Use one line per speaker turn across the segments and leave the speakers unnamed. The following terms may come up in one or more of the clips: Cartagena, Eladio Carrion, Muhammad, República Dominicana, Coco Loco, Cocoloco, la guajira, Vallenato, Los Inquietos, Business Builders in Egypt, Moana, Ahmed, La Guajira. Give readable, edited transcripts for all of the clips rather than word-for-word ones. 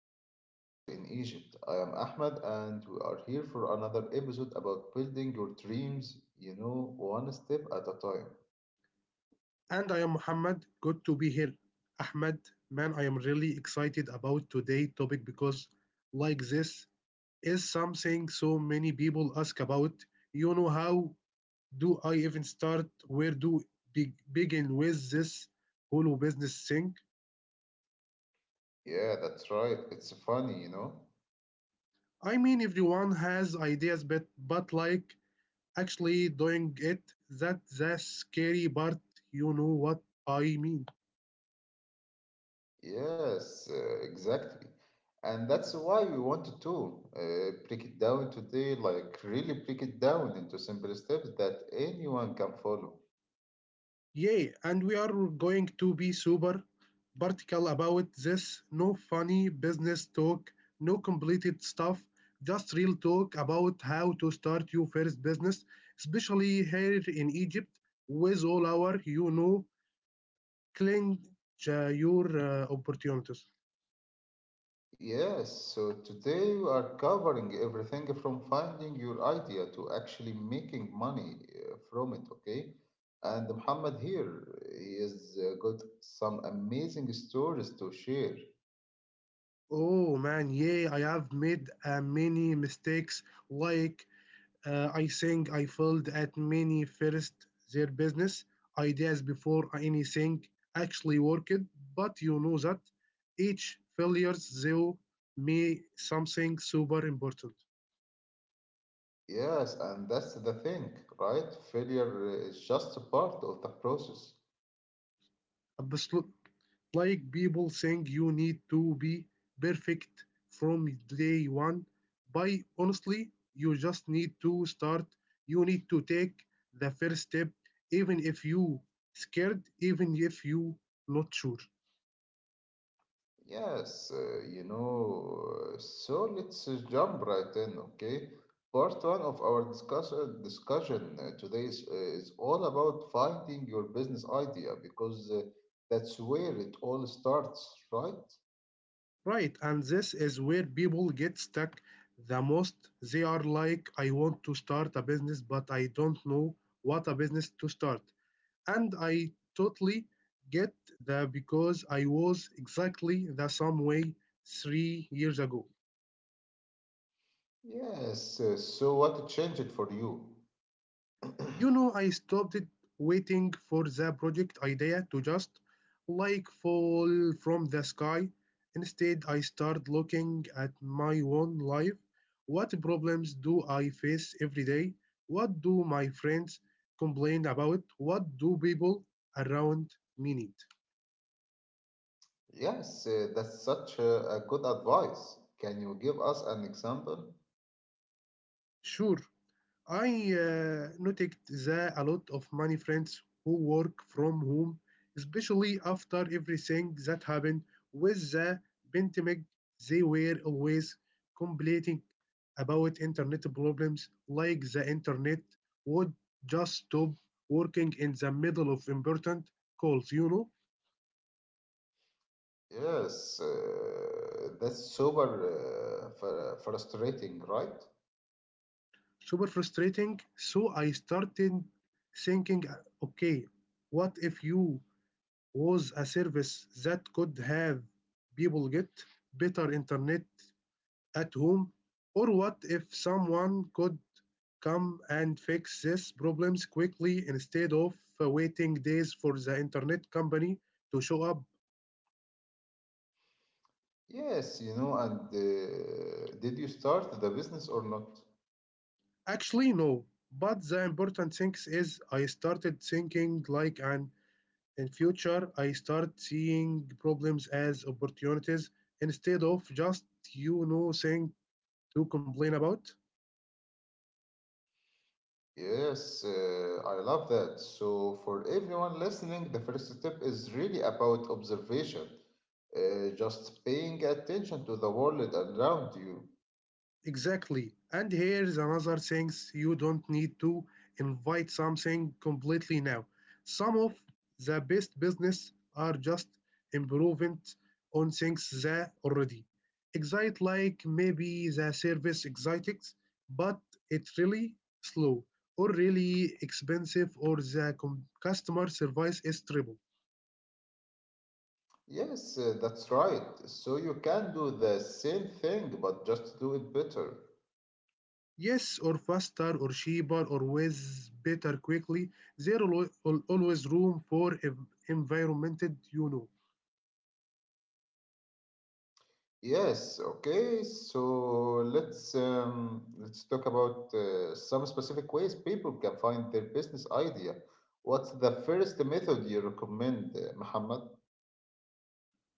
Business Builders in Egypt. I am Ahmed and we are here for another episode about building your dreams, one step at a time.
And I am Muhammad. Good to be here. Ahmed, man, I am really excited about today's topic because, like this, is something so many people ask about. You know, how do I even start? Where do begin with this whole business thing?
Yeah, that's right. It's funny, you know?
I mean, everyone has ideas, but like actually doing it, that's scary part. You know what I mean?
Yes, exactly. And that's why we wanted to break it down today, like really break it down into simple steps that anyone can follow.
Yay, and we are going to be super particular about this. No funny business talk, no completed stuff, just real talk about how to start your first business, especially here in Egypt with all our cling your opportunities.
Yes, so today we are covering everything from finding your idea to actually making money from it, okay? And Muhammad here, he has got some amazing stories to share.
Oh man, yeah, I have made many mistakes like I think I failed at many first their business ideas before anything actually worked, but you know that each failure though me something super important.
Yes, and that's the thing, right? Failure is just a part of the process.
Absol- Like people think you need to be perfect from day one, but honestly, you just need to start. You need to take the first step, even if you scared, even if you not sure.
Yes, so let's jump right in, okay? Part one of our discussion today is all about finding your business idea because that's where it all starts, right?
Right, and this is where people get stuck the most. They are like, I want to start a business, but I don't know what a business to start. And I totally get that because I was exactly the same way 3 years ago.
Yes, so what changed for you?
You know, I stopped waiting for the project idea to just like fall from the sky. Instead, I started looking at my own life. What problems do I face every day? What do my friends complain about? What do people around me need?
Yes, that's such a good advice. Can you give us an example?
Sure, I noticed that a lot of many friends who work from home, especially after everything that happened with the pandemic, they were always complaining about internet problems, like the internet would just stop working in the middle of important calls, you know?
Yes, that's super frustrating, right?
Super frustrating. So I started thinking, okay, what if you was a service that could have people get better internet at home? Or what if someone could come and fix these problems quickly instead of waiting days for the internet company to show up?
Yes, and did you start the business or not?
Actually, no. But the important thing is I started thinking like an in future I start seeing problems as opportunities instead of just thing to complain about.
Yes, I love that. So, for everyone listening, the first step is really about observation, just paying attention to the world around you.
Exactly. And here's another thing you don't need to invite something completely now. Some of the best business are just improvement on things that already excite like maybe the service excites, but it's really slow or really expensive or the customer service is terrible.
Yes, that's right. So, you can do the same thing, but just do it better.
Yes, or faster, or cheaper, or with better quickly. There always room for environment, you know.
Yes, okay. So let's talk about some specific ways people can find their business idea. What's the first method you recommend, Muhammad?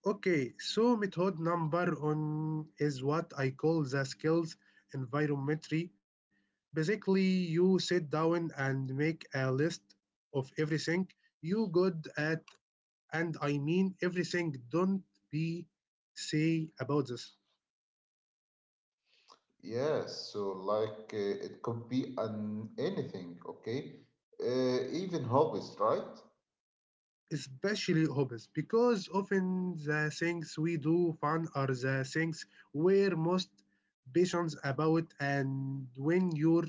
Okay, so method number one is what I call the skills environmentary. Basically, you sit down and make a list of everything you good at, and I mean everything. Don't be say about this.
Yes, so like it could be an anything, okay? Even hobbies, right?
Especially hobbies, because often the things we do fun are the things we're most patient about, and when you're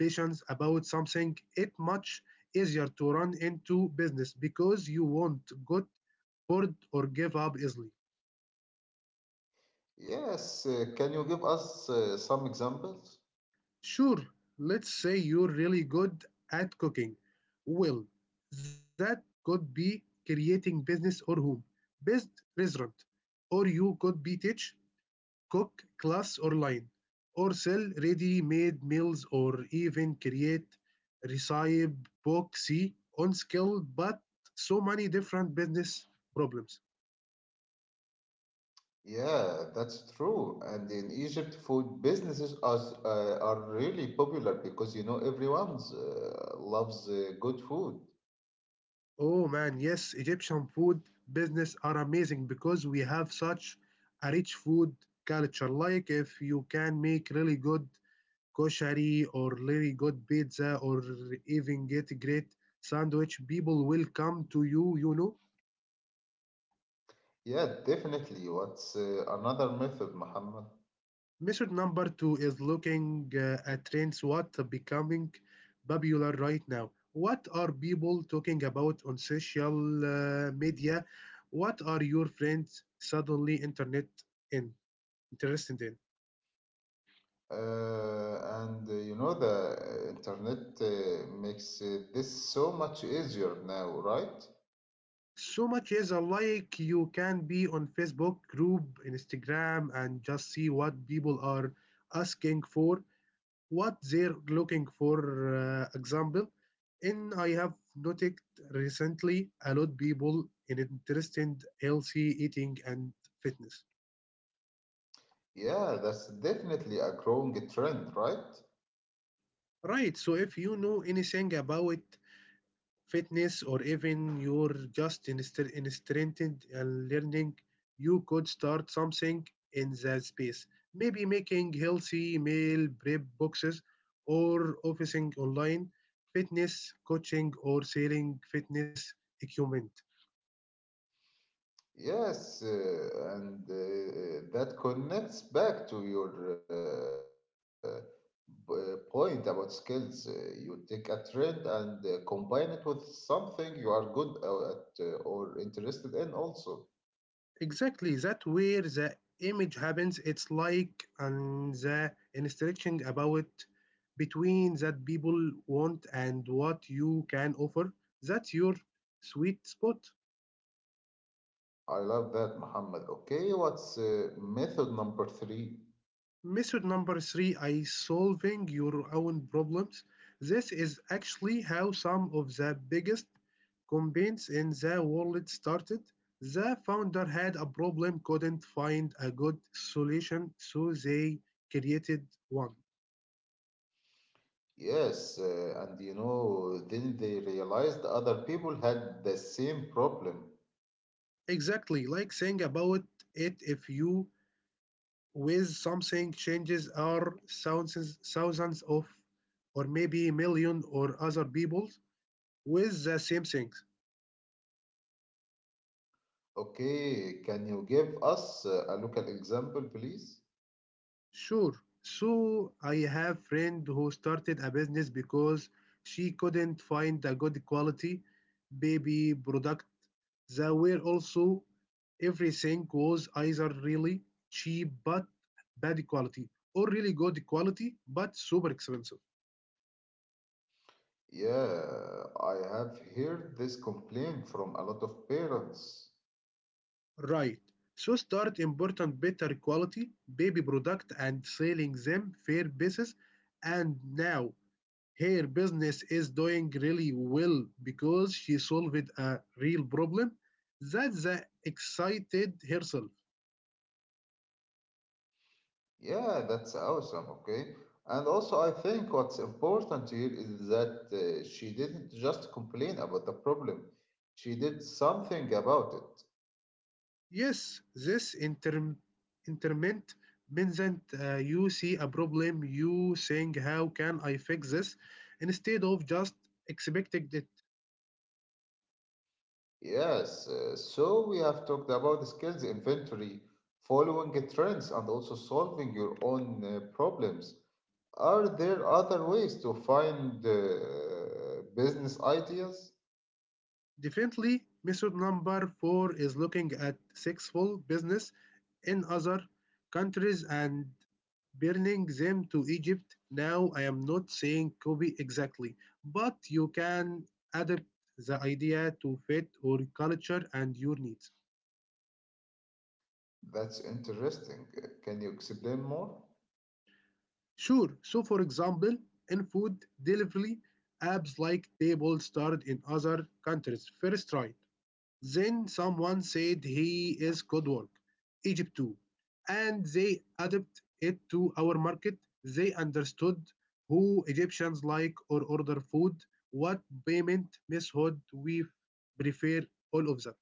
patient about something, it much easier to run into business because you won't get bored or give up easily.
Yes. Can you give us some examples?
Sure, let's say you're really good at cooking. Well, that could be creating business or home based restaurant or you could be teach cook class or line, or sell ready made meals or even create recipe books on skill, but so many different business problems.
Yeah, that's true. And in Egypt, food businesses are really popular because you know everyone's loves good food.
Oh man, yes, Egyptian food business are amazing because we have such a rich food culture. Like if you can make really good koshari or really good pizza or even get great sandwich, people will come to you, you know.
Yeah, definitely. What's another method, Muhammad?
Method number two is looking at trends what becoming popular right now. What are people talking about on social media? What are your friends suddenly internet in interested in?
And the internet makes this so much easier now, right?
So much is alike. You can be on Facebook group, Instagram, and just see what people are asking for, what they're looking for. Example, and I have noticed recently a lot of people in interested healthy eating and fitness.
Yeah, that's definitely a growing trend, right?
Right. So if you know anything about fitness, or even you're just interested in learning, you could start something in that space. Maybe making healthy meal prep boxes or offering online fitness coaching or selling fitness equipment.
Yes, and that connects back to your point about skills. You take a trend and combine it with something you are good at or interested in also.
Exactly, that where the image happens. It's like and the instruction about between that people want and what you can offer. That's your sweet spot.
I love that, Muhammad. Okay, what's method number three?
Method number three is solving your own problems. This is actually how some of the biggest companies in the world started. The founder had a problem, couldn't find a good solution, so they created one.
Yes, and then they realized other people had the same problem.
Exactly, like saying about it if you with something changes are thousands of or maybe million or other people with the same things.
Okay, can you give us a local example, please?
Sure. So I have friend who started a business because she couldn't find a good quality baby product. There were also everything was either really cheap but bad quality or really good quality but super expensive.
Yeah, I have heard this complaint from a lot of parents.
Right. So start important better quality baby product and selling them fair basis and now her business is doing really well because she solved a real problem that the excited herself.
Yeah, that's awesome, okay? And also, I think what's important here is that she didn't just complain about the problem, she did something about it.
Yes, this interment means that you see a problem, you think, how can I fix this? Instead of just expecting it.
Yes, so we have talked about the skills inventory, following the trends, and also solving your own problems. Are there other ways to find business ideas?
Definitely, method number four is looking at successful business in other countries and burning them to Egypt. Now, I am not saying copy exactly, but you can adapt the idea to fit your culture and your needs.
That's interesting. Can you explain more?
Sure, so for example, in food delivery, apps like Table started in other countries. First try. Then someone said he is good work, Egypt too, and they adapt it to our market. They understood who Egyptians like or order food, what payment method we prefer, all of that.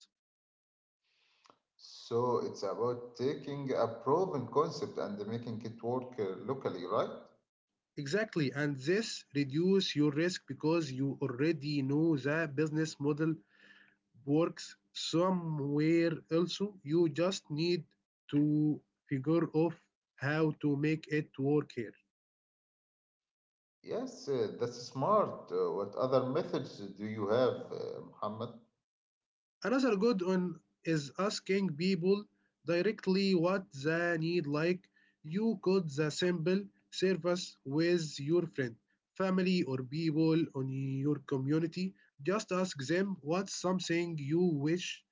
So it's about taking a proven concept and making it work locally, right?
Exactly, and this reduces your risk because you already know the business model works somewhere else. You just need to figure out how to make it work here.
Yes, that's smart. What other methods do you have, Muhammad?
Another good one is asking people directly what they need, like you could the simple service with your friend, family, or people on your community. Just ask them what's something you wish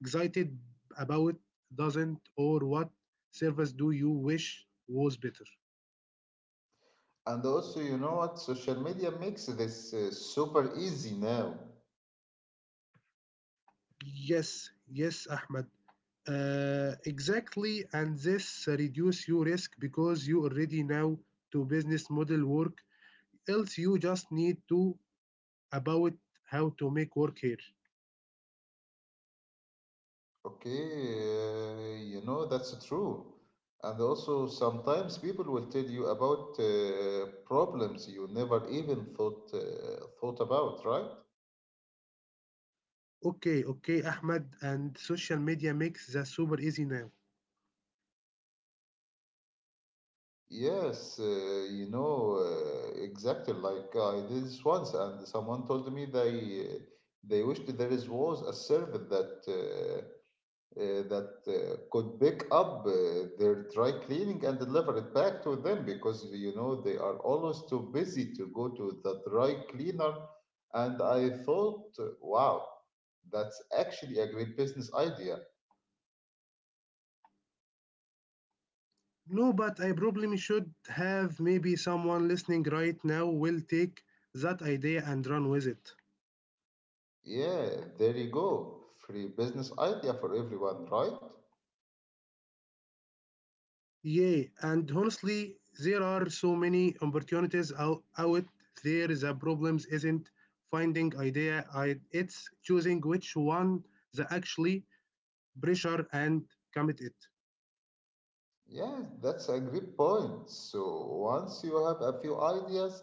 excited about doesn't, or what service do you wish was better.
And also, you know what? Social media makes this super easy now.
Yes, yes, Ahmed. Exactly, and this reduce your risk because you already know to business model work. Else, you just need to about how to make work here.
Okay, you know that's true. And also, sometimes people will tell you about problems you never even thought about, right?
Okay, okay, Ahmed, and social media makes that super easy now.
Yes, exactly. Like I did this once, and someone told me they wished there is was a service that could pick up their dry cleaning and deliver it back to them because they are always too busy to go to the dry cleaner. And I thought, wow, that's actually a great business idea.
No, but I probably should have maybe someone listening right now will take that idea and run with it.
Yeah, there you go, free business idea for everyone, right?
Yeah, and honestly, there are so many opportunities out there. The problems isn't finding idea, it's choosing which one the actually pressure and commit it.
Yes, that's a great point. So once you have a few ideas,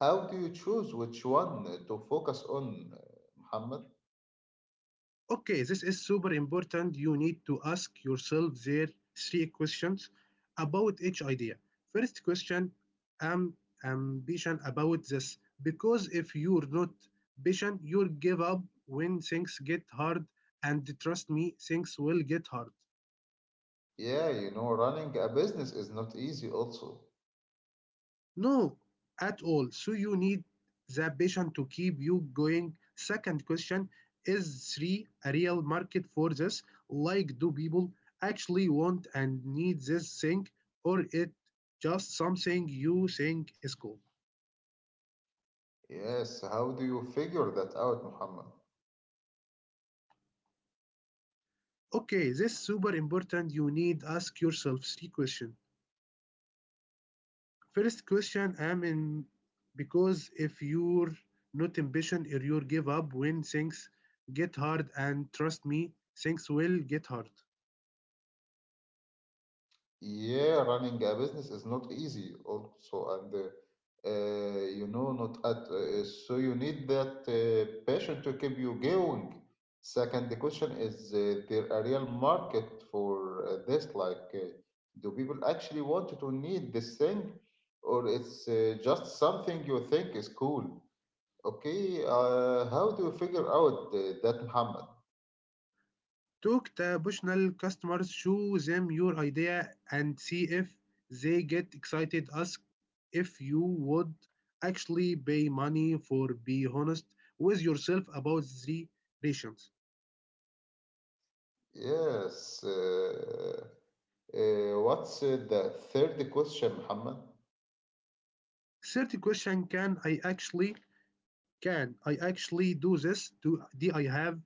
how do you choose which one to focus on, Muhammad?
Okay, this is super important. You need to ask yourself there three questions about each idea. First question, am ambition about this? Because if you're not patient, you'll give up when things get hard. And trust me, things will get hard.
Yeah, running a business is not easy also.
No, at all. So you need the passion to keep you going. Second question is three a real market for this? Like, do people actually want and need this thing, or it just something you think is cool?
Yes, how do you figure that out, Muhammad?
Okay, this is super important. You need to ask yourself three questions. First question, am in because if you're not ambition or you give up when things get hard, and trust me, things will get hard.
Yeah, running a business is not easy also, and not at so you need that passion to keep you going. Second question is there a real market for this? Like, do people actually want to need this thing, or it's just something you think is cool? Okay, how do you figure out that, Muhammad?
Talk the potential customers, show them your idea, and see if they get excited. Ask if you would actually pay money for. Be honest with yourself about the rations.
Yes, what's the third question, Muhammad?
Third question: Can I actually do this? Do I have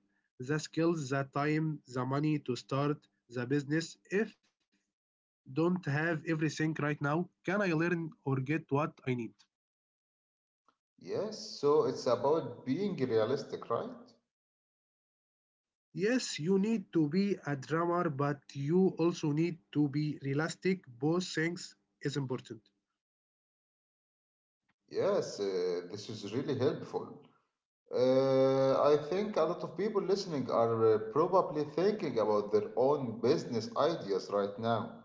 the skills, the time, the money to start the business? If don't have everything right now, can I learn or get what I need?
Yes, so it's about being realistic, right?
Yes, you need to be a drummer, but you also need to be realistic. Both things is important.
Yes, this is really helpful. I think a lot of people listening are probably thinking about their own business ideas right now.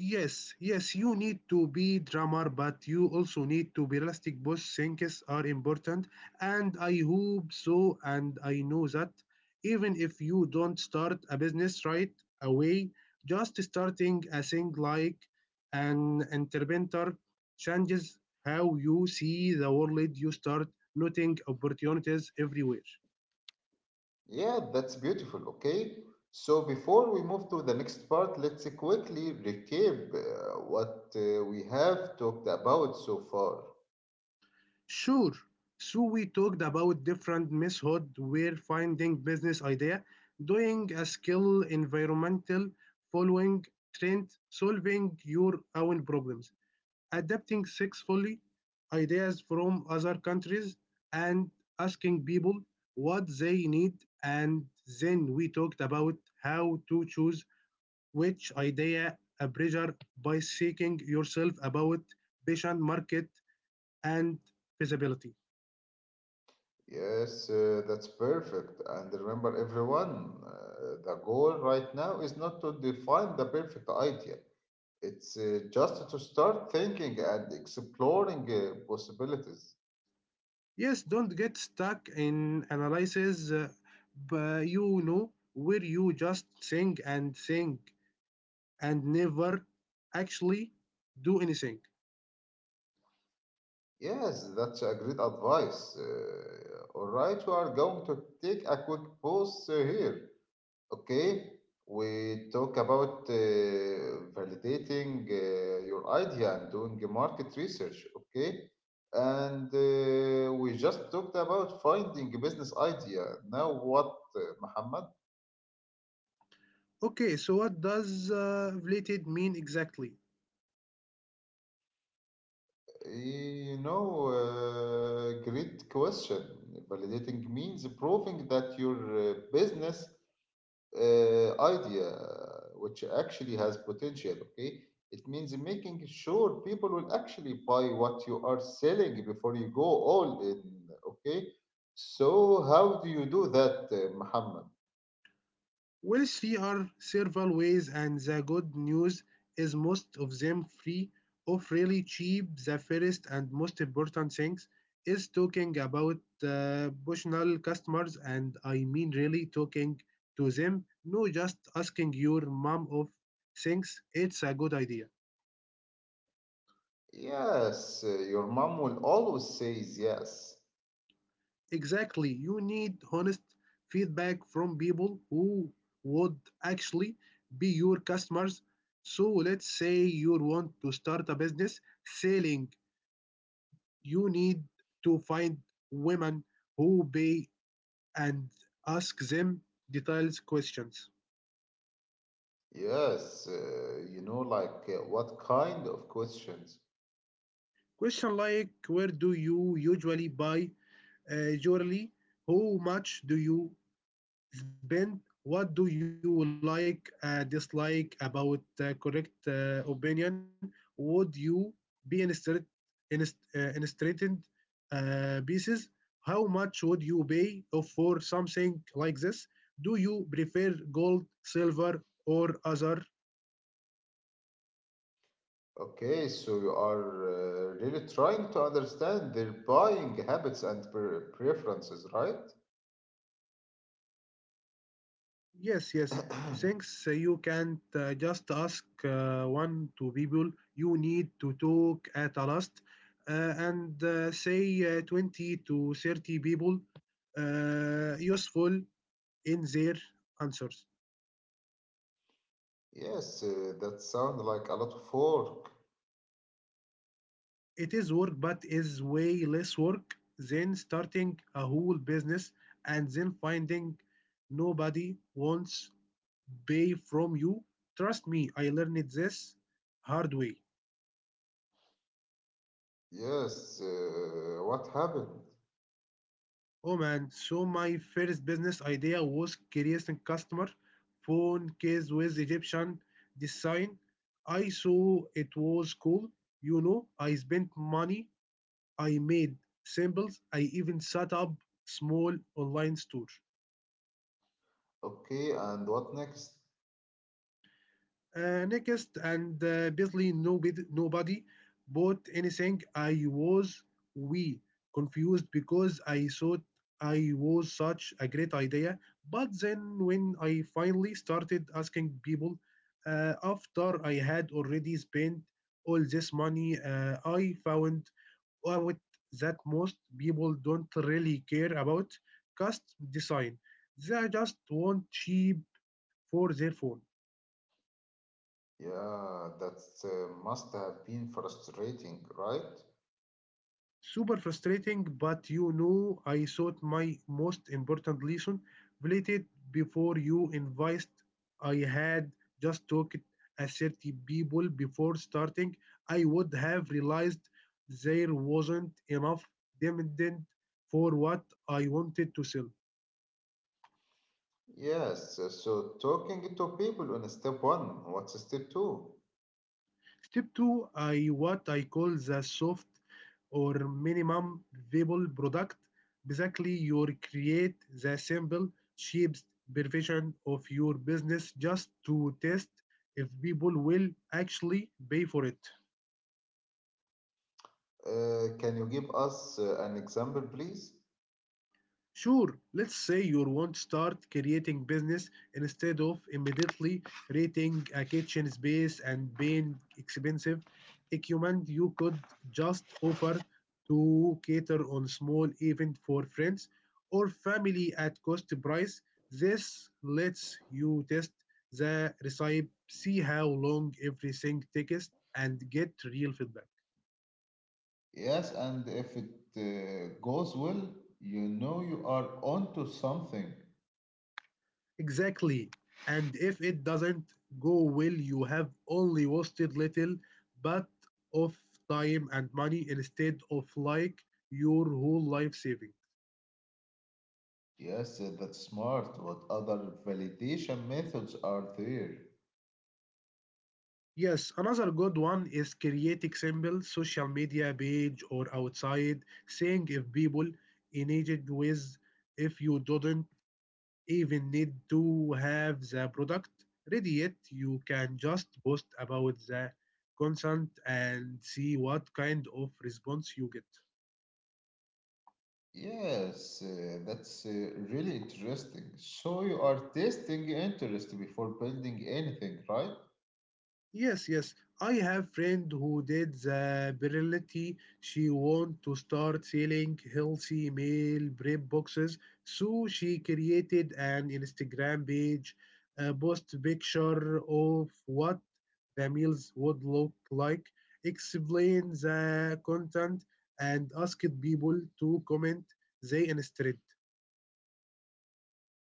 Yes, yes, you need to be drummer, but you also need to be realistic. Both things are important, and I hope so. And I know that even if you don't start a business right away, just starting a thing like an entrepreneur changes how you see the world. You start noting opportunities everywhere.
Yeah, that's beautiful, okay? So before we move to the next part, let's quickly recap what we have talked about so far.
Sure. So we talked about different methods where finding business idea, doing a skill, environmental, following trend, solving your own problems, adapting successfully ideas from other countries, and asking people what they need. And then we talked about how to choose which idea a pressure by seeking yourself about patient market and feasibility.
Yes, that's perfect. And remember, everyone, the goal right now is not to define the perfect idea. It's just to start thinking and exploring possibilities.
Yes, don't get stuck in analysis, but where you just think and never actually do anything.
Yes, that's a great advice. All right, we are going to take a quick pause here. Okay, we talk about validating your idea and doing the market research. Okay, and we just talked about finding a business idea. Now, what, Muhammad?
Okay, so what does related mean exactly?
Great question. Validating means proving that your business idea which actually has potential. Okay, it means making sure people will actually buy what you are selling before you go all in. Okay, so how do you do that, Muhammad?
Well, three are several ways, and the good news is most of them free or really cheap. The first and most important things is talking about personal customers, and I mean really talking to them, not just asking your mom of things. It's a good idea.
Yes, your mom will always says yes.
Exactly. You need honest feedback from people who would actually be your customers. So let's say you want to start a business selling. You need to find women who pay and ask them detailed questions.
Yes, like, what kind of questions?
Question like where do you usually buy jewelry? How much do you spend? What do you like, dislike about correct opinion? Would you be instructed in straightened pieces? How much would you pay for something like this? Do you prefer gold, silver, or other?
Okay, so you are really trying to understand their buying habits and preferences, right?
Yes, yes. Since you can't just ask one, two people, you need to talk at a last, and say 20 to 30 people useful in their answers.
Yes, that sounds like a lot of work.
It is work, but is way less work than starting a whole business and then finding nobody wants pay from you. Trust me, I learned this hard way.
Yes, what happened?
Oh man, so my first business idea was creating customer phone case with Egyptian design. I saw it was cool. You know, I spent money, I made samples, I even set up small online store.
Okay, and what next?
Next, and basically nobody bought anything. I was we confused because I thought I was such a great idea. But then, when I finally started asking people, after I had already spent all this money, I found out that most people don't really care about custom design. They just want cheap for their phone.
Yeah, that must have been frustrating, right?
Super frustrating, but you know, I thought my most important lesson related before you invited. I had just talked at 30 people before starting. I would have realized there wasn't enough demand for what I wanted to sell.
Yes, so talking to people in step one, what's step two?
Step two, I what I call the soft or minimum viable product. Basically, you create the simple, shaped version of your business just to test if people will actually pay for it.
Can you give us an example, please?
Sure, let's say you want to start creating business instead of immediately renting a kitchen space and paying expensive equipment. You could just offer to cater on small event for friends or family at cost price. This lets you test the recipe, see how long everything takes, and get real feedback.
Yes, and if it goes well, you know you are onto something.
Exactly. And if it doesn't go well, you have only wasted little but of time and money instead of like your whole life saving.
Yes, that's smart. What other validation methods are there?
Yes, another good one is creating simple social media page or outside saying if people engaged with if you didn't even need to have the product ready yet. You can just post about the consent and see what kind of response you get.
Yes, that's really interesting. So you are testing interest before building anything, right?
Yes, yes. I have friend who did the virility. She want to start selling healthy meal prep boxes. So she created an Instagram page, post picture of what the meals would look like, explain the content, and asked people to comment they instead.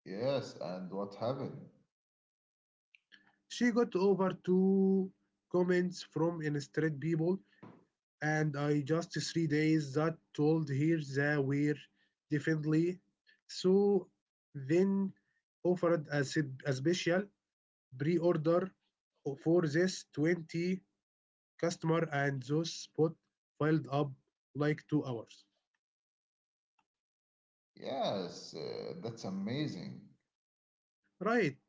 Yes, and what happened?
She got over two comments from instead people and I just 3 days that told her they were definitely. So then offered a special pre-order for this 20 customer and those spot filled up like 2 hours.
Yes, that's amazing.
Right.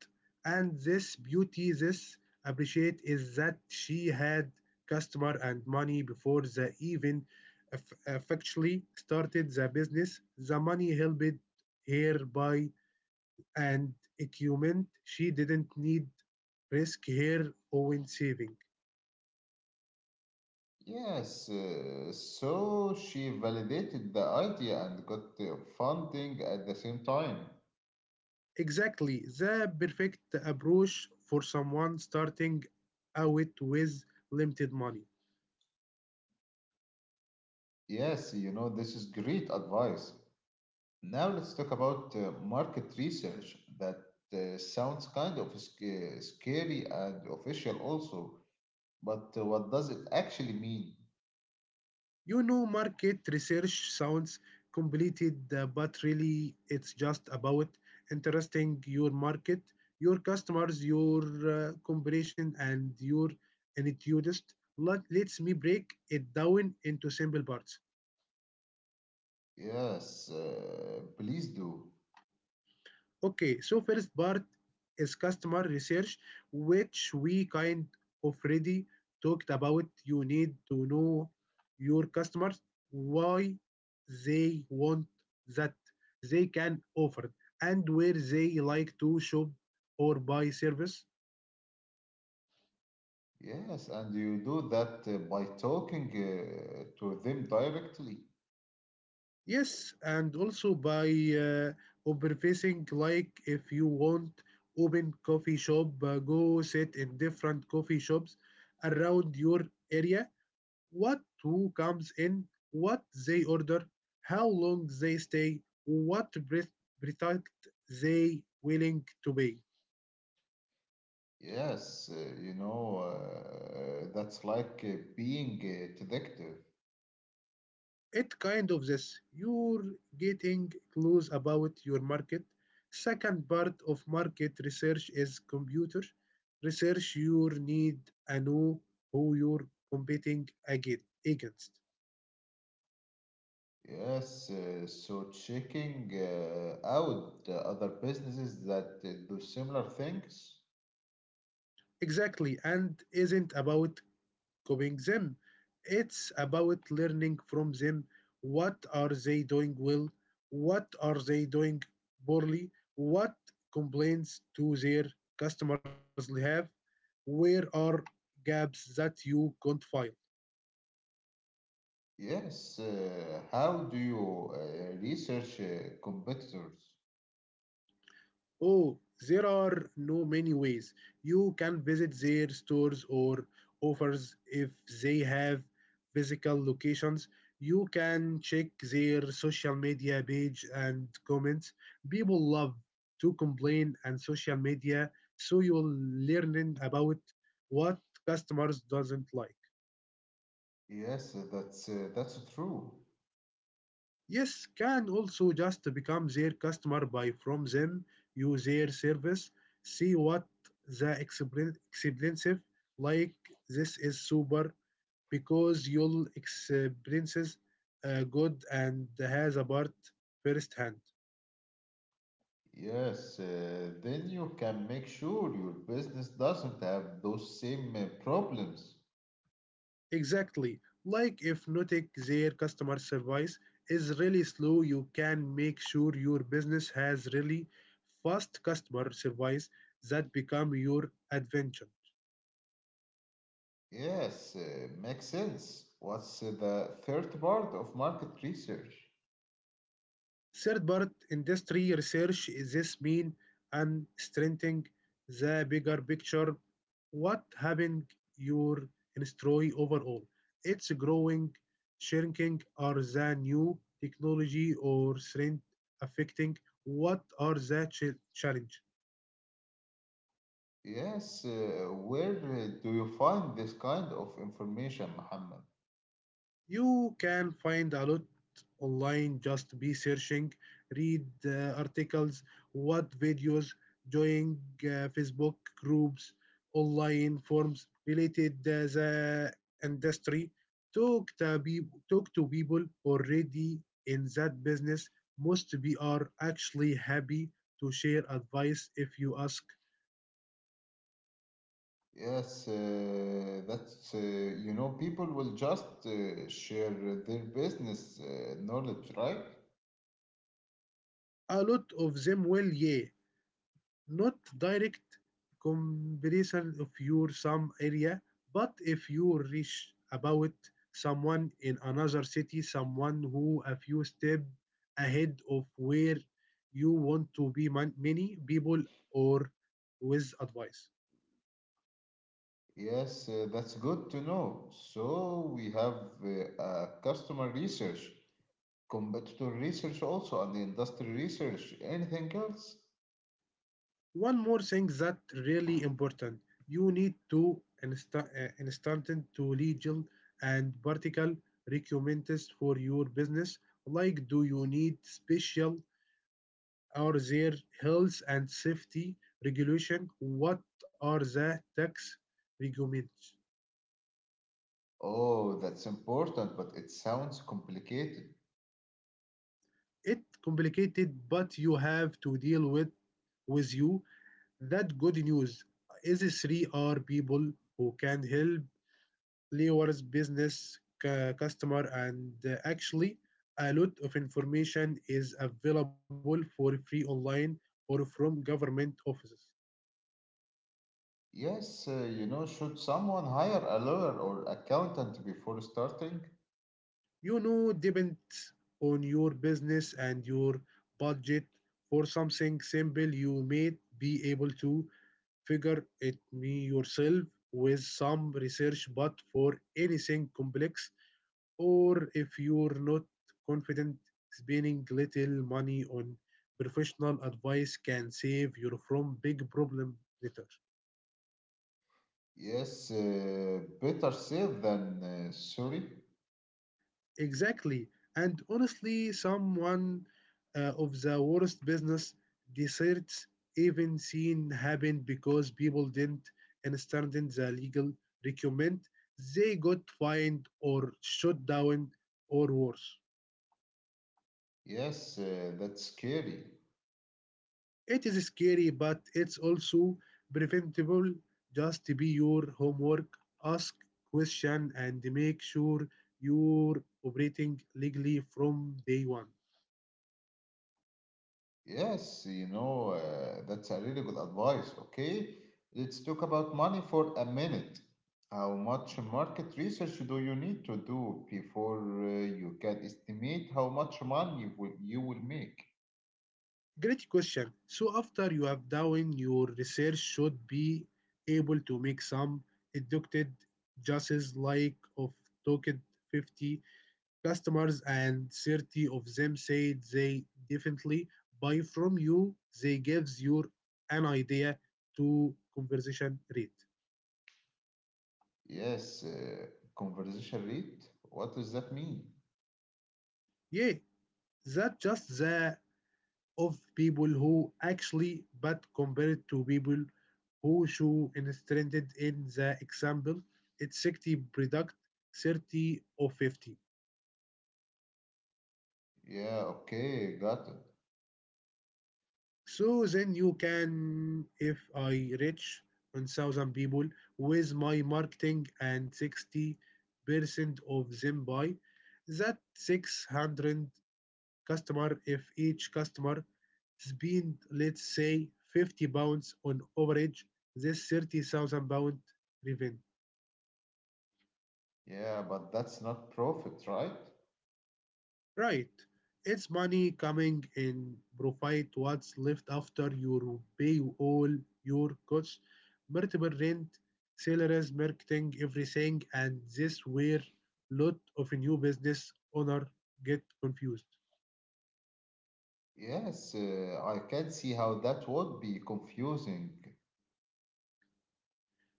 And this beauty, this appreciate is that she had customer and money before the even effectually started the business. The money helped her buy and equipment. She didn't need risk her own saving.
Yes, so she validated the idea and got funding at the same time.
Exactly. The perfect approach for someone starting out with limited money.
Yes, this is great advice. Now let's talk about market research that sounds kind of scary and official also, but what does it actually mean?
You know, market research sounds completed, but really it's just about interesting your market, your customers, your competition, and your attitudes. Let's me break it down into simple parts.
Yes, please do.
Okay, so first part is customer research, which we kind of already talked about. You need to know your customers, why they want that they can offer, and where they like to shop or buy service.
Yes, and you do that by talking to them directly.
Yes, and also by uh, observing, like if you want open coffee shop, go sit in different coffee shops around your area what who comes in, what they order, how long they stay, what product they willing to pay.
Yes, that's like being a detective.
It kind of this. You're getting clues about your market. Second part of market research is computer research. You need to know who you're competing against.
Yes, so checking out other businesses that do similar things.
Exactly, and isn't about copying them. It's about learning from them. What are they doing well? What are they doing poorly? What complaints do their customers have? Where are gaps that you can't fill?
Yes, how do you research competitors?
Oh, there are no many ways. You can visit their stores or offers if they have physical locations. You can check their social media page and comments. People love to complain on social media, so you'll learn about what customers doesn't like.
Yes, that's true.
Yes, can also just become their customer, buy from them, use their service, see what the experience like. This is super because you'll experiences good and has a part firsthand.
Yes, then you can make sure your business doesn't have those same problems.
Exactly. Like if noting their customer service is really slow, you can make sure your business has really fast customer service that become your adventure.
Yes, makes sense. What's the third part of market research?
Third part, industry research. Is this mean and strengthening the bigger picture. What having your industry overall? It's growing, shrinking, or the new technology or strength affecting? What are the challenge?
Yes, where do you find this kind of information, Muhammad?
You can find a lot online, just be searching, read articles, what videos, join Facebook groups, online forums related the industry. Talk to, be- talk to people already in that business. Most be are actually happy to share advice if you ask.
Yes, people will just share their business knowledge, right?
A lot of them will, yeah, not direct comparison of your some area, but if you reach about someone in another city, someone who a few step ahead of where you want to be many people or with advice.
Yes, that's good to know. So we have customer research, competitor research also, and the industry research. Anything else?
One more thing that really important, you need to instant to legal and vertical requirements for your business like do you need special are there health and safety regulation? What are the tax requirements?
Oh, that's important, but it sounds complicated.
It's complicated, but you have to deal with you. That good news is three are people who can help lawyers, business, customer, and actually a lot of information is available for free online or from government offices.
Yes, should someone hire a lawyer or accountant before starting?
You know, depends on your business and your budget. For something simple you may be able to figure it me yourself with some research, but for anything complex or if you're not confident, spending little money on professional advice can save you from big problem later.
Yes, better safe than sorry.
Exactly. And honestly, someone of the worst business deserts even seen happen because people didn't understand the legal requirement. They got fined or shut down or worse.
Yes, that's scary.
It is scary, but it's also preventable. Just be your homework, ask question, and make sure you're operating legally from day one.
Yes, that's a really good advice. Okay, let's talk about money for a minute. How much market research do you need to do before you can estimate how much money you will make?
Great question. So after you have done your research should be able to make some educated guesses like of talked 50 customers and 30 of them said they definitely buy from you. They gives you an idea to conversation rate.
Yes, conversation rate. What does that mean?
Yeah, that just the of people who actually, but compared to people who show illustrated in the example, it's 60 product, 30 or 50.
Yeah, okay, got it.
So then you can, if I reach 1,000 people with my marketing and 60% of them buy, that 600 customer if each customer spend let's say £50 on average this 30,000 pound revenue.
Yeah, but that's not profit, right?
Right, it's money coming in, provide what's left after you pay all your costs, multiple rent, salaries, marketing, everything, and this where lot of new business owner get confused.
Yes, I can see how that would be confusing.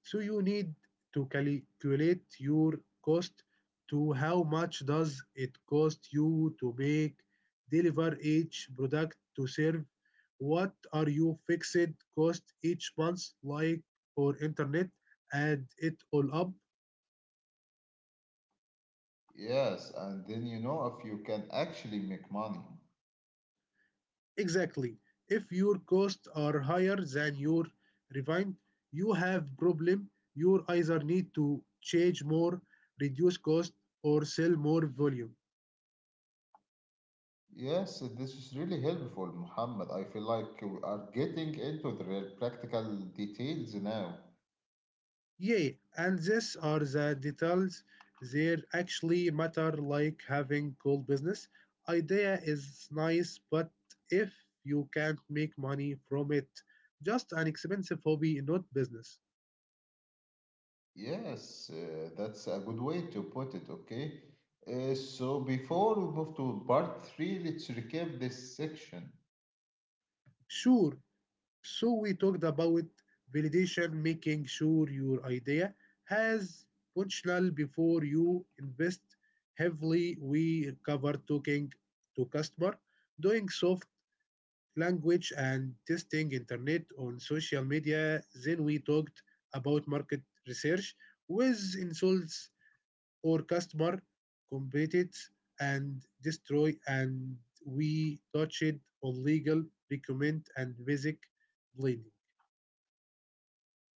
So you need to calculate your cost to how much does it cost you to make, deliver each product to serve, what are your fixed cost each month, like for internet, add it all up.
Yes, and then you know if you can actually make money.
Exactly. If your costs are higher than your revenue, you have problem. You either need to change more, reduce cost, or sell more volume.
Yes, this is really helpful, Muhammad. I feel like we are getting into the real practical details now.
Yeah, and these are the details that actually matter, like having cool business. Idea is nice, but if you can't make money from it, just an expensive hobby, not business.
Yes, that's a good way to put it, okay? So before we move to part three, let's recap this section.
Sure, so we talked about validation, making sure your idea has potential before you invest heavily. We covered talking to customer, doing soft language and testing internet on social media. Then we talked about market research with insults or customer competitors and destroy and we touched on legal recommend and basic blending.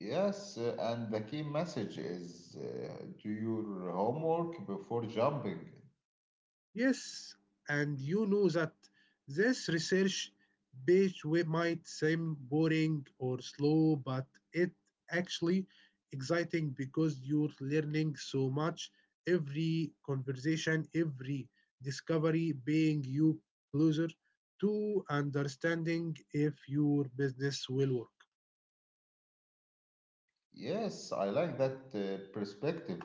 Yes, and the key message is do your homework before jumping.
Yes, and you know that this research page might seem boring or slow, but it actually exciting because you're learning so much. Every conversation, every discovery being you closer to understanding if your business will work.
Yes, I like that perspective.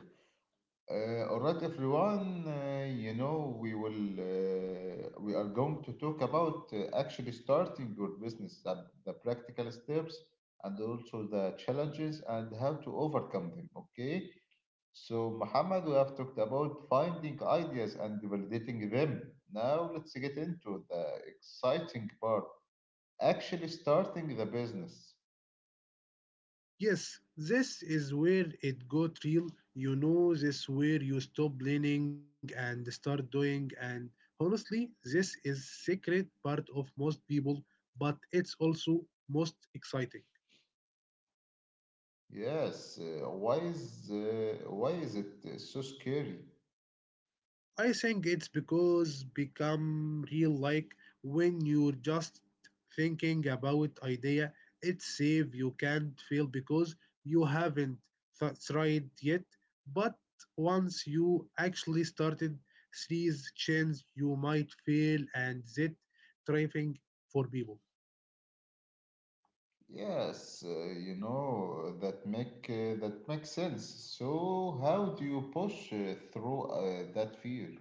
All right, everyone, we are going to talk about actually starting your business, the practical steps and also the challenges and how to overcome them, okay? So, Muhammad, we have talked about finding ideas and validating them. Now, let's get into the exciting part actually starting the business.
Yes, this is where it got real. You know, this where you stop planning and start doing. And honestly, this is secret part of most people, but it's also most exciting.
Yes, why is it so scary?
I think it's because become real like when you're just thinking about idea, it's safe you can't fail because you haven't tried yet. But once you actually started, series chance, you might fail and that thriving for people.
Yes, that makes sense. So how do you push through that fear?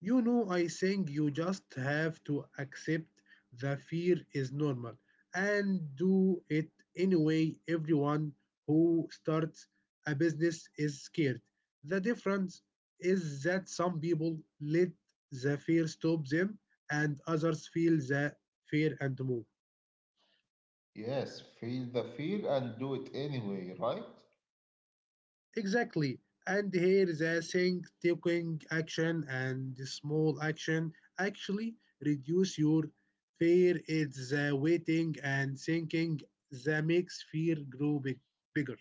You know, I think you just have to accept the fear is normal and do it anyway. Everyone who starts a business is scared. The difference is that some people let the fear stop them and others feel the fear and move.
Yes, feel the fear and do it anyway, right?
Exactly. And here the think, taking action, and the small action actually reduce your fear. It's the waiting and thinking that makes fear grow big, bigger.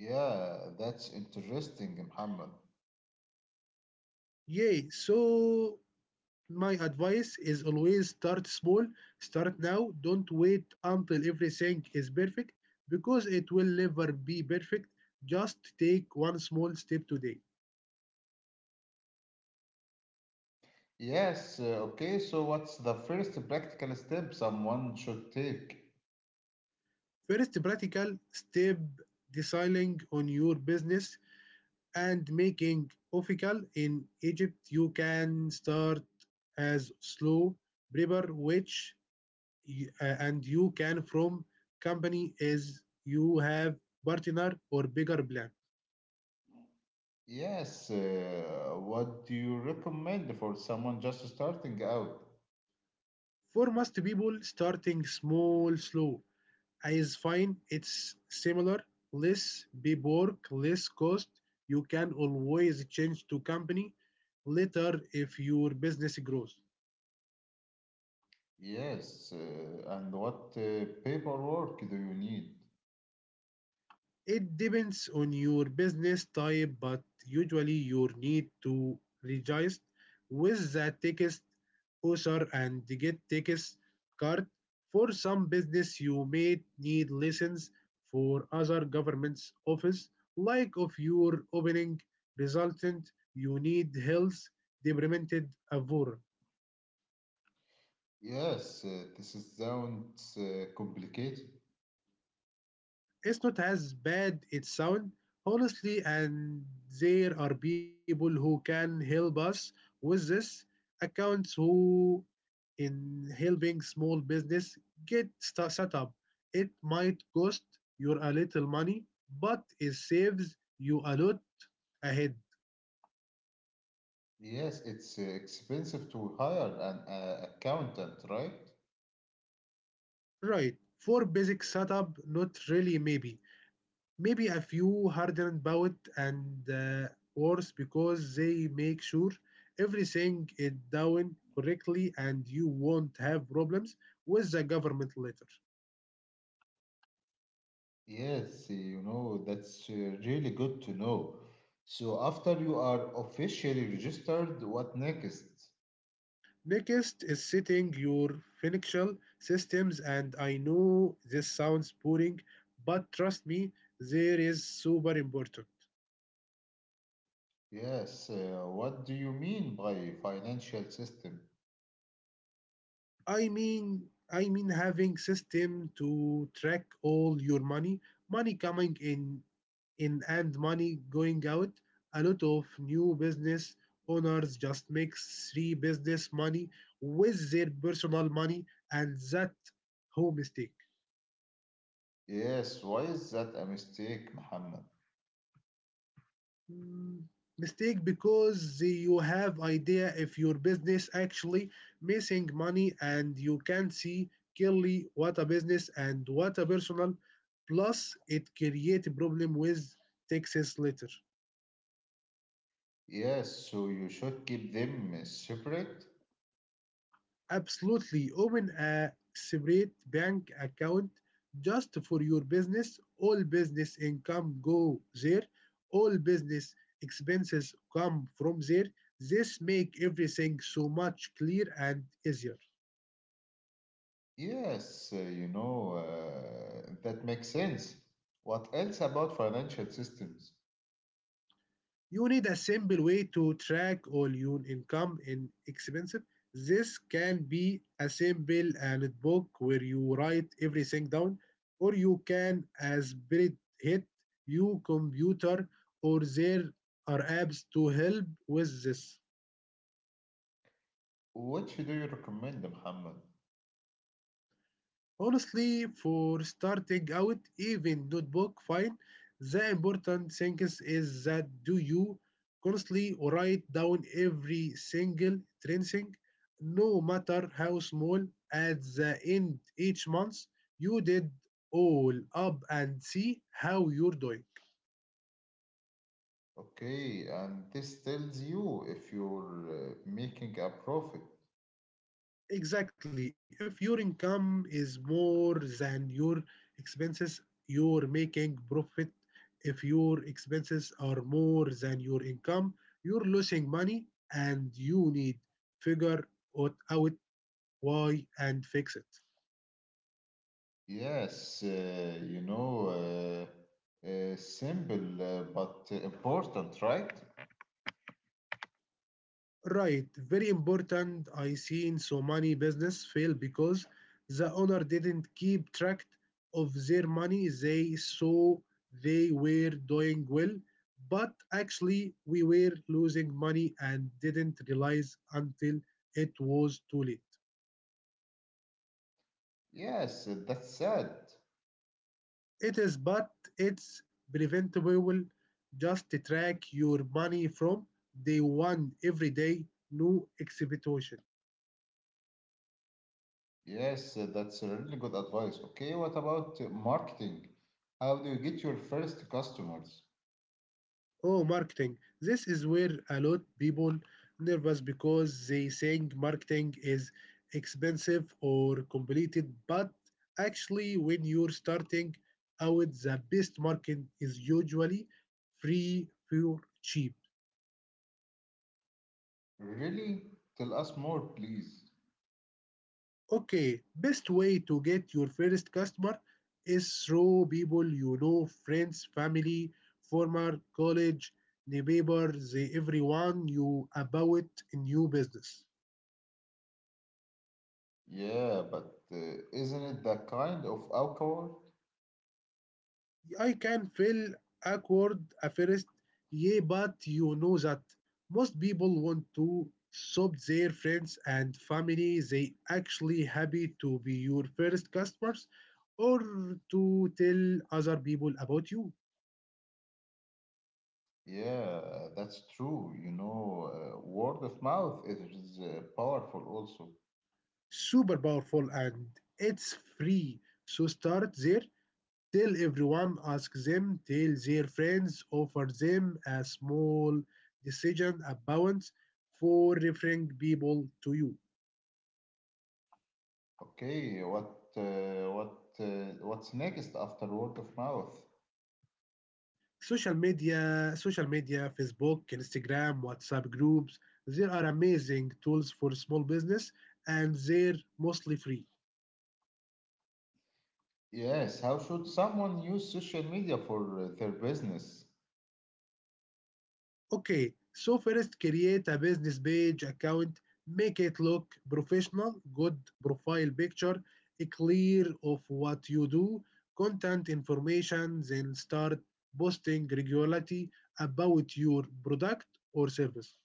Yeah, that's interesting, Muhammad.
Yay. So my advice is always start small. Start now. Don't wait until everything is perfect because it will never be perfect. Just take one small step today.
Yes, okay, so what's the first practical step someone should take?
First practical step deciding on your business and making official in Egypt you can start as slow prepper which and you can from company as you have partner or bigger plan.
Yes, what do you recommend for someone just starting out?
For most people starting small slow is fine. It's similar. Less paperwork, less cost. You can always change to company later if your business grows.
Yes, and what paperwork do you need?
It depends on your business type, but usually you need to register with the text user and get text card. For some business, you may need license for other government's office, like if you're opening resultant, you need health department approval.
Yes, this is sounds complicated.
It's not as bad it sounds, honestly, and there are people who can help us with this accounts who in helping small business set up. It might cost you a little money, but it saves you a lot ahead.
Yes, it's expensive to hire an accountant, right?
Right. For basic setup, not really maybe. Maybe a few hardened bout and worse because they make sure everything is down correctly and you won't have problems with the government later.
Yes, you know, that's really good to know. So after you are officially registered, what next?
Next is setting your financial systems, and I know this sounds boring, but trust me, there is super important.
Yes, what do you mean by financial system?
I mean having system to track all your money, money coming in and money going out. A lot of new business owners just mix three business money with their personal money, and that whole mistake.
Yes, why is that a mistake, Muhammad?
Mm, mistake because you have idea if your business actually missing money and you can see clearly what a business and what a personal. Plus, it create problem with taxes later.
Yes, so you should keep them separate?
Absolutely. Open a separate bank account just for your business. All business income go there. All business expenses come from there. This make everything so much clear and easier.
Yes, that makes sense. What else about financial systems?
You need a simple way to track all your income and expenses. This can be a simple notebook where you write everything down, or you can as spirit hit your computer, or there are apps to help with this.
Which do you recommend, Muhammad?
Honestly, for starting out, even notebook, fine. The important thing is that do you constantly write down every single trending, no matter how small, at the end each month you did all up and see how you're doing.
Okay, and this tells you if you're making a profit.
Exactly. If your income is more than your expenses, you're making profit. If your expenses are more than your income, you're losing money and you need figure out why and fix it.
Yes, simple but important, right?
Right, very important. I seen so many business fail because the owner didn't keep track of their money. They saw they were doing well, but actually we were losing money and didn't realize until it was too late.
Yes, that's sad.
It is but it's preventable. Just track your money from day one every day, no exhibition.
Yes, that's a really good advice. Okay, what about marketing? How do you get your first customers?
Oh, marketing. This is where a lot people nervous because they think marketing is expensive or complicated, but actually when you're starting out, the best marketing is usually free for cheap.
Really? Tell us more, please.
Okay, best way to get your first customer is through people you know, friends, family, former college, neighbor, the everyone you about in new business.
Yeah, but isn't it that kind of alcohol?
I can feel awkward at first, yeah, but you know that most people want to shop their friends and family. They actually happy to be your first customers or to tell other people about you.
Yeah, that's true. You know, word of mouth is powerful also.
Super powerful and it's free. So start there. Tell everyone, ask them, tell their friends, offer them a small decision about for referring people to you.
Okay, uh, what what's next after word of mouth?
Social media, Facebook, Instagram, WhatsApp groups, there are amazing tools for small business and they're mostly free.
Yes, how should someone use social media for their business?
Okay, so first create a business page account, make it look professional, good profile picture, a clear of what you do, content information, then start posting regularly about your product or service.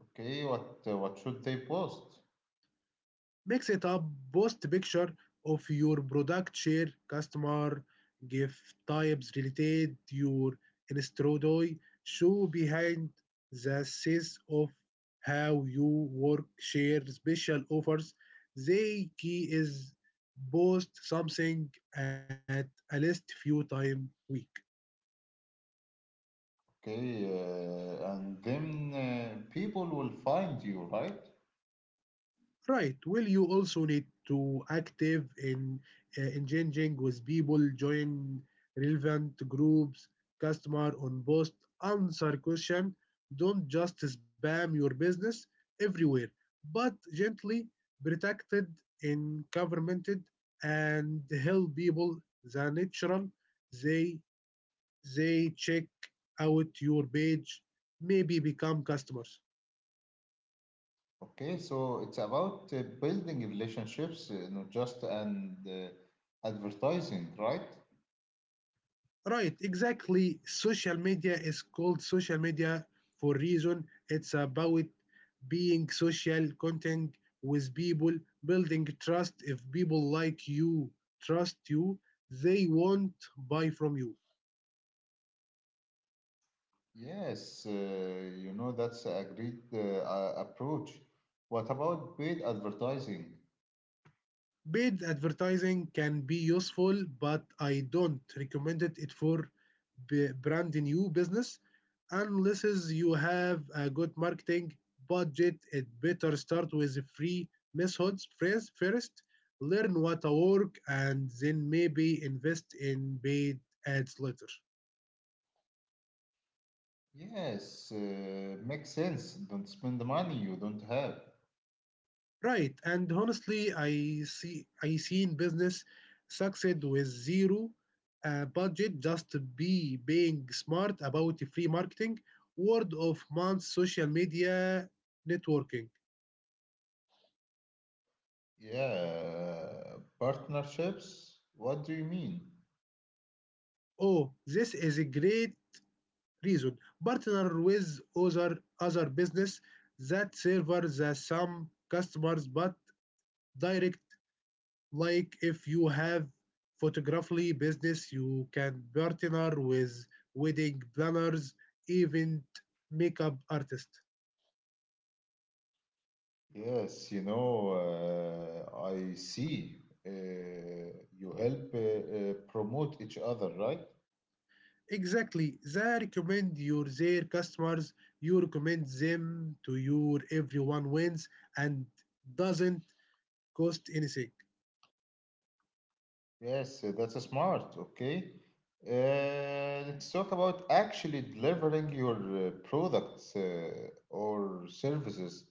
Okay, what should they post?
Mix it up, post picture of your product, share customer, give types related to your introduce, show behind the scenes of how you work, share special offers. The key is post something at a least few time week.
Okay, and then people will find you, right?
Right. Well, you also need to active in engaging with people, join relevant groups, customer on post, answer question. Don't just spam your business everywhere, but gently protected in governmented and help people the natural they they check out your page, maybe become customers.
Okay, so it's about building relationships, not just and advertising, right?
Right, exactly. Social media is called social media for reason. It's about being social, content with people, building trust. If people like you, trust you, they won't buy from you.
Yes, that's a great approach. What about paid advertising?
Paid advertising can be useful, but I don't recommend it for brand new business unless is you have a good marketing budget. It better start with free methods first. First, learn what work, and then maybe invest in paid ads later.
Yes, makes sense. Don't spend the money you don't have.
Right, and honestly, I seen business succeed with zero budget just be being smart about free marketing, word of mouth, social media, networking.
Yeah, partnerships? What do you mean?
Oh, this is a great reason. Partner with other business that serve the some customers but direct like if you have photography business you can partner with wedding planners event makeup artists
Yes, you know, I see. Uh, you help promote each other, right?
exactly they recommend your their customers you recommend them to your everyone wins and doesn't cost anything.
Yes, that's smart. Okay. Let's talk about actually delivering your products or services.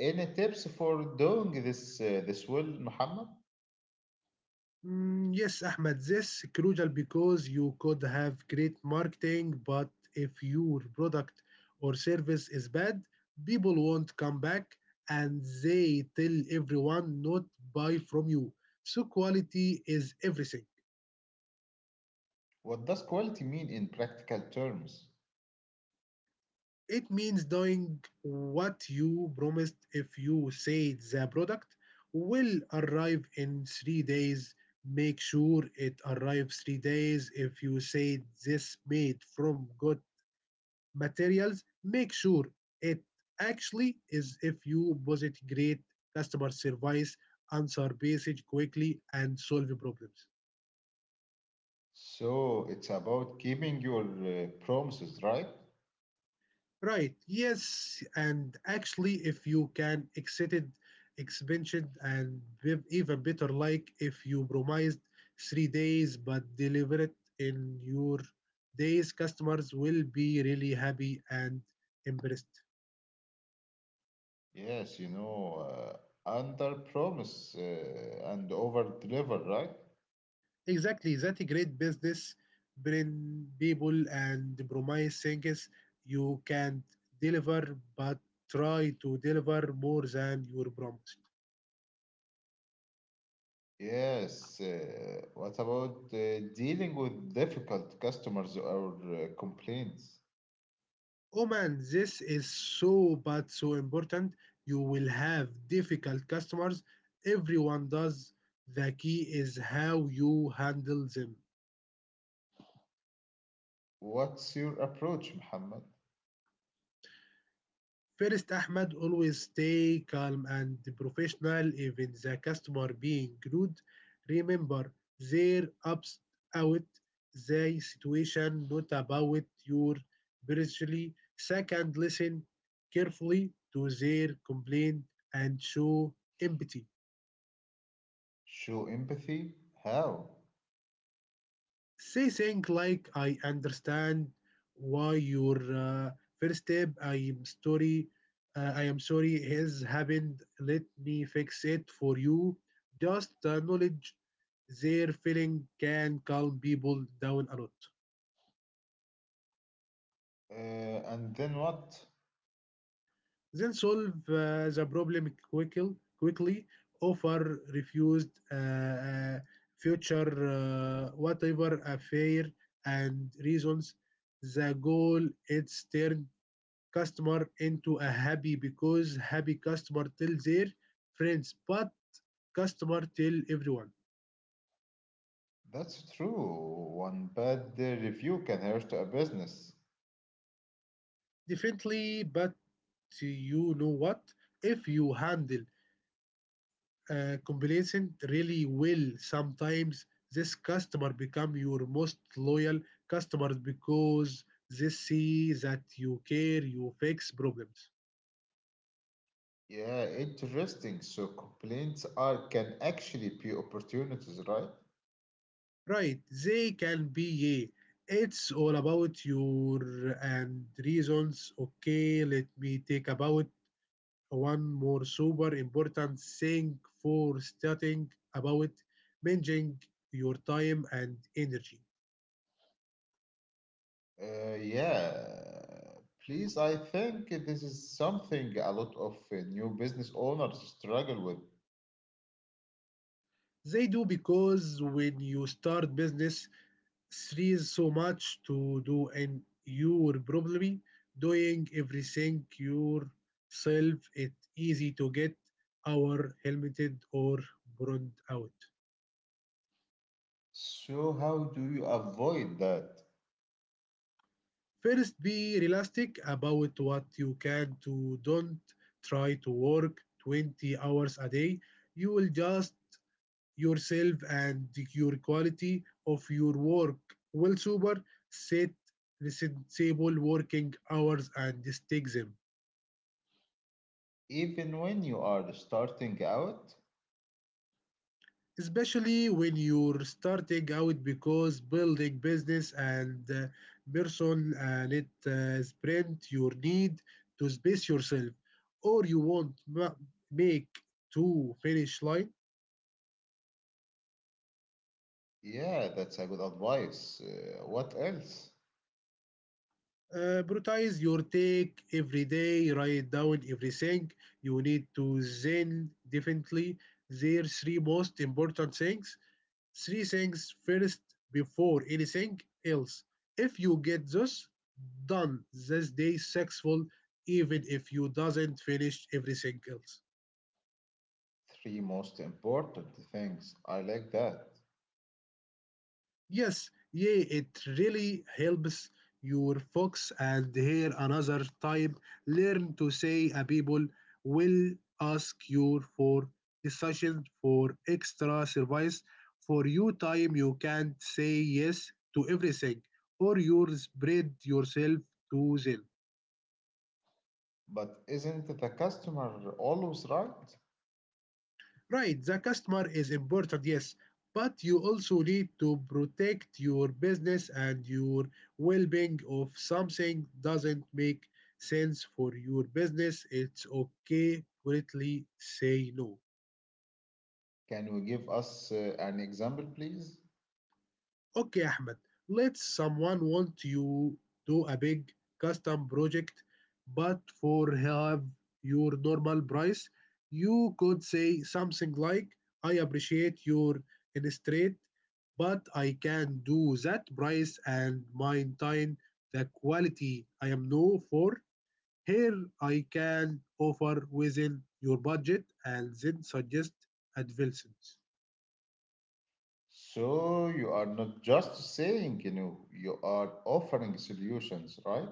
Any tips for doing this this well, Muhammad?
Mm, yes, Ahmed, this is crucial because you could have great marketing, but if your product or service is bad, people won't come back and they tell everyone not buy from you. So quality is everything.
What does quality mean in practical terms?
It means doing what you promised if you say the product will arrive in 3 days. Make sure it arrives 3 days if you say this made from good materials, make sure it actually is if you posit great customer service, answer basic quickly and solve problems.
So it's about keeping your promises, right?
Right, yes, and actually if you can exceeded expansion and even better like if you promised 3 days but deliver it in your days customers will be really happy and impressed.
Yes, you know, under promise and over deliver, right?
Exactly, that great business bring people and promise things you can't deliver, but try to deliver more than your promise.
Yes. What about dealing with difficult customers or complaints?
Oh man, this is so but so important. You will have difficult customers. Everyone does. The key is how you handle them.
What's your approach, Muhammad?
First, Ahmed, always stay calm and professional, even the customer being rude. Remember, they're about the situation, not about your personally. Second, listen carefully to their complaint and show empathy.
Show empathy? How?
Say things like, I understand why your first step, I am sorry has happened. Let me fix it for you. Just the knowledge their feeling can calm people down a lot.
And then what?
Then solve the problem quickly, quickly offer refused future whatever affair and reasons. The goal it's turned customer into a happy because happy customer tell their friends, but customer tell everyone.
That's true. One bad review can hurt a business.
Definitely, but you know what? If you handle a complacent really well, sometimes this customer become your most loyal customers because they see that you care, you fix problems.
Yeah, interesting. So complaints are can actually be opportunities, right?
Right, they can be yay. It's all about your and reasons. Okay, let me take about one more super important thing for starting about managing your time and energy.
Yeah. Please, I think this is something a lot of new business owners struggle with.
They do because when you start business, there is so much to do, and you're probably doing everything yourself. It's easy to get our helmeted or burned out.
So, how do you avoid that?
First, be realistic about what you can do. Don't try to work 20 hours a day. You will just yourself and your quality of your work will super set sensible working hours and stick them.
Even when you are starting out?
Especially when you're starting out because building business and person and it sprint your need to space yourself or you want make to finish line.
Yeah, that's a good advice. What else?
Uh, prioritize your take every day write down everything you need to zen definitely their three most important things. Three things first before anything else. If you get this done this day successful even if you doesn't finish everything else.
Three most important things. I like that.
Yes, yeah, it really helps your focus. And here another type learn to say a people will ask you for decision for extra service. For you time you can't say yes to everything or you spread yourself too thin.
But isn't the customer always right?
Right, the customer is important, yes, but you also need to protect your business and your well-being. If something doesn't make sense for your business, it's okay politely say no.
Can you give us an example, please?
Okay, Ahmed, let's someone want you do a big custom project, but for have your normal price, you could say something like, I appreciate your straight, but I can do that price and maintain the quality I am known for. Here I can offer within your budget and then suggest advancements.
So, you are not just saying, you know, you are offering solutions, right?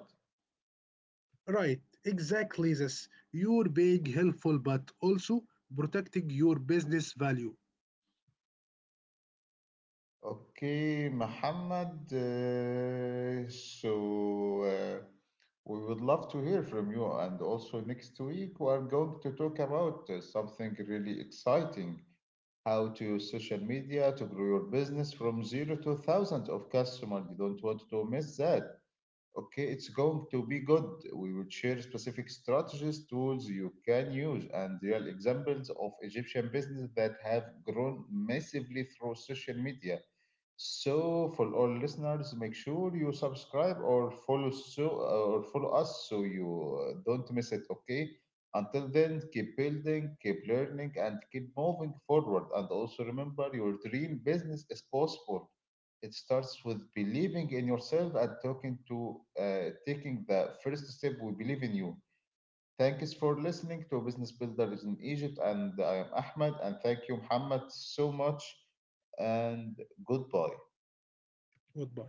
Right, exactly this. You're being helpful but also protecting your business value.
Okay, Muhammad. So we would love to hear from you. And also next week, we are going to talk about something really exciting: how to use social media to grow your business from zero to thousand of customers. You don't want to miss that. Okay, it's going to be good. We will share specific strategies, tools you can use, and real examples of Egyptian business that have grown massively through social media. So, for all listeners, make sure you subscribe or follow so or follow us so you don't miss it. Okay. Until then, keep building, keep learning, and keep moving forward. And also remember, your dream business is possible. It starts with believing in yourself and talking to taking the first step. We believe in you. Thanks for listening to Business Builders in Egypt, and I am Ahmed, and thank you, Muhammad, so much, and goodbye.
Goodbye.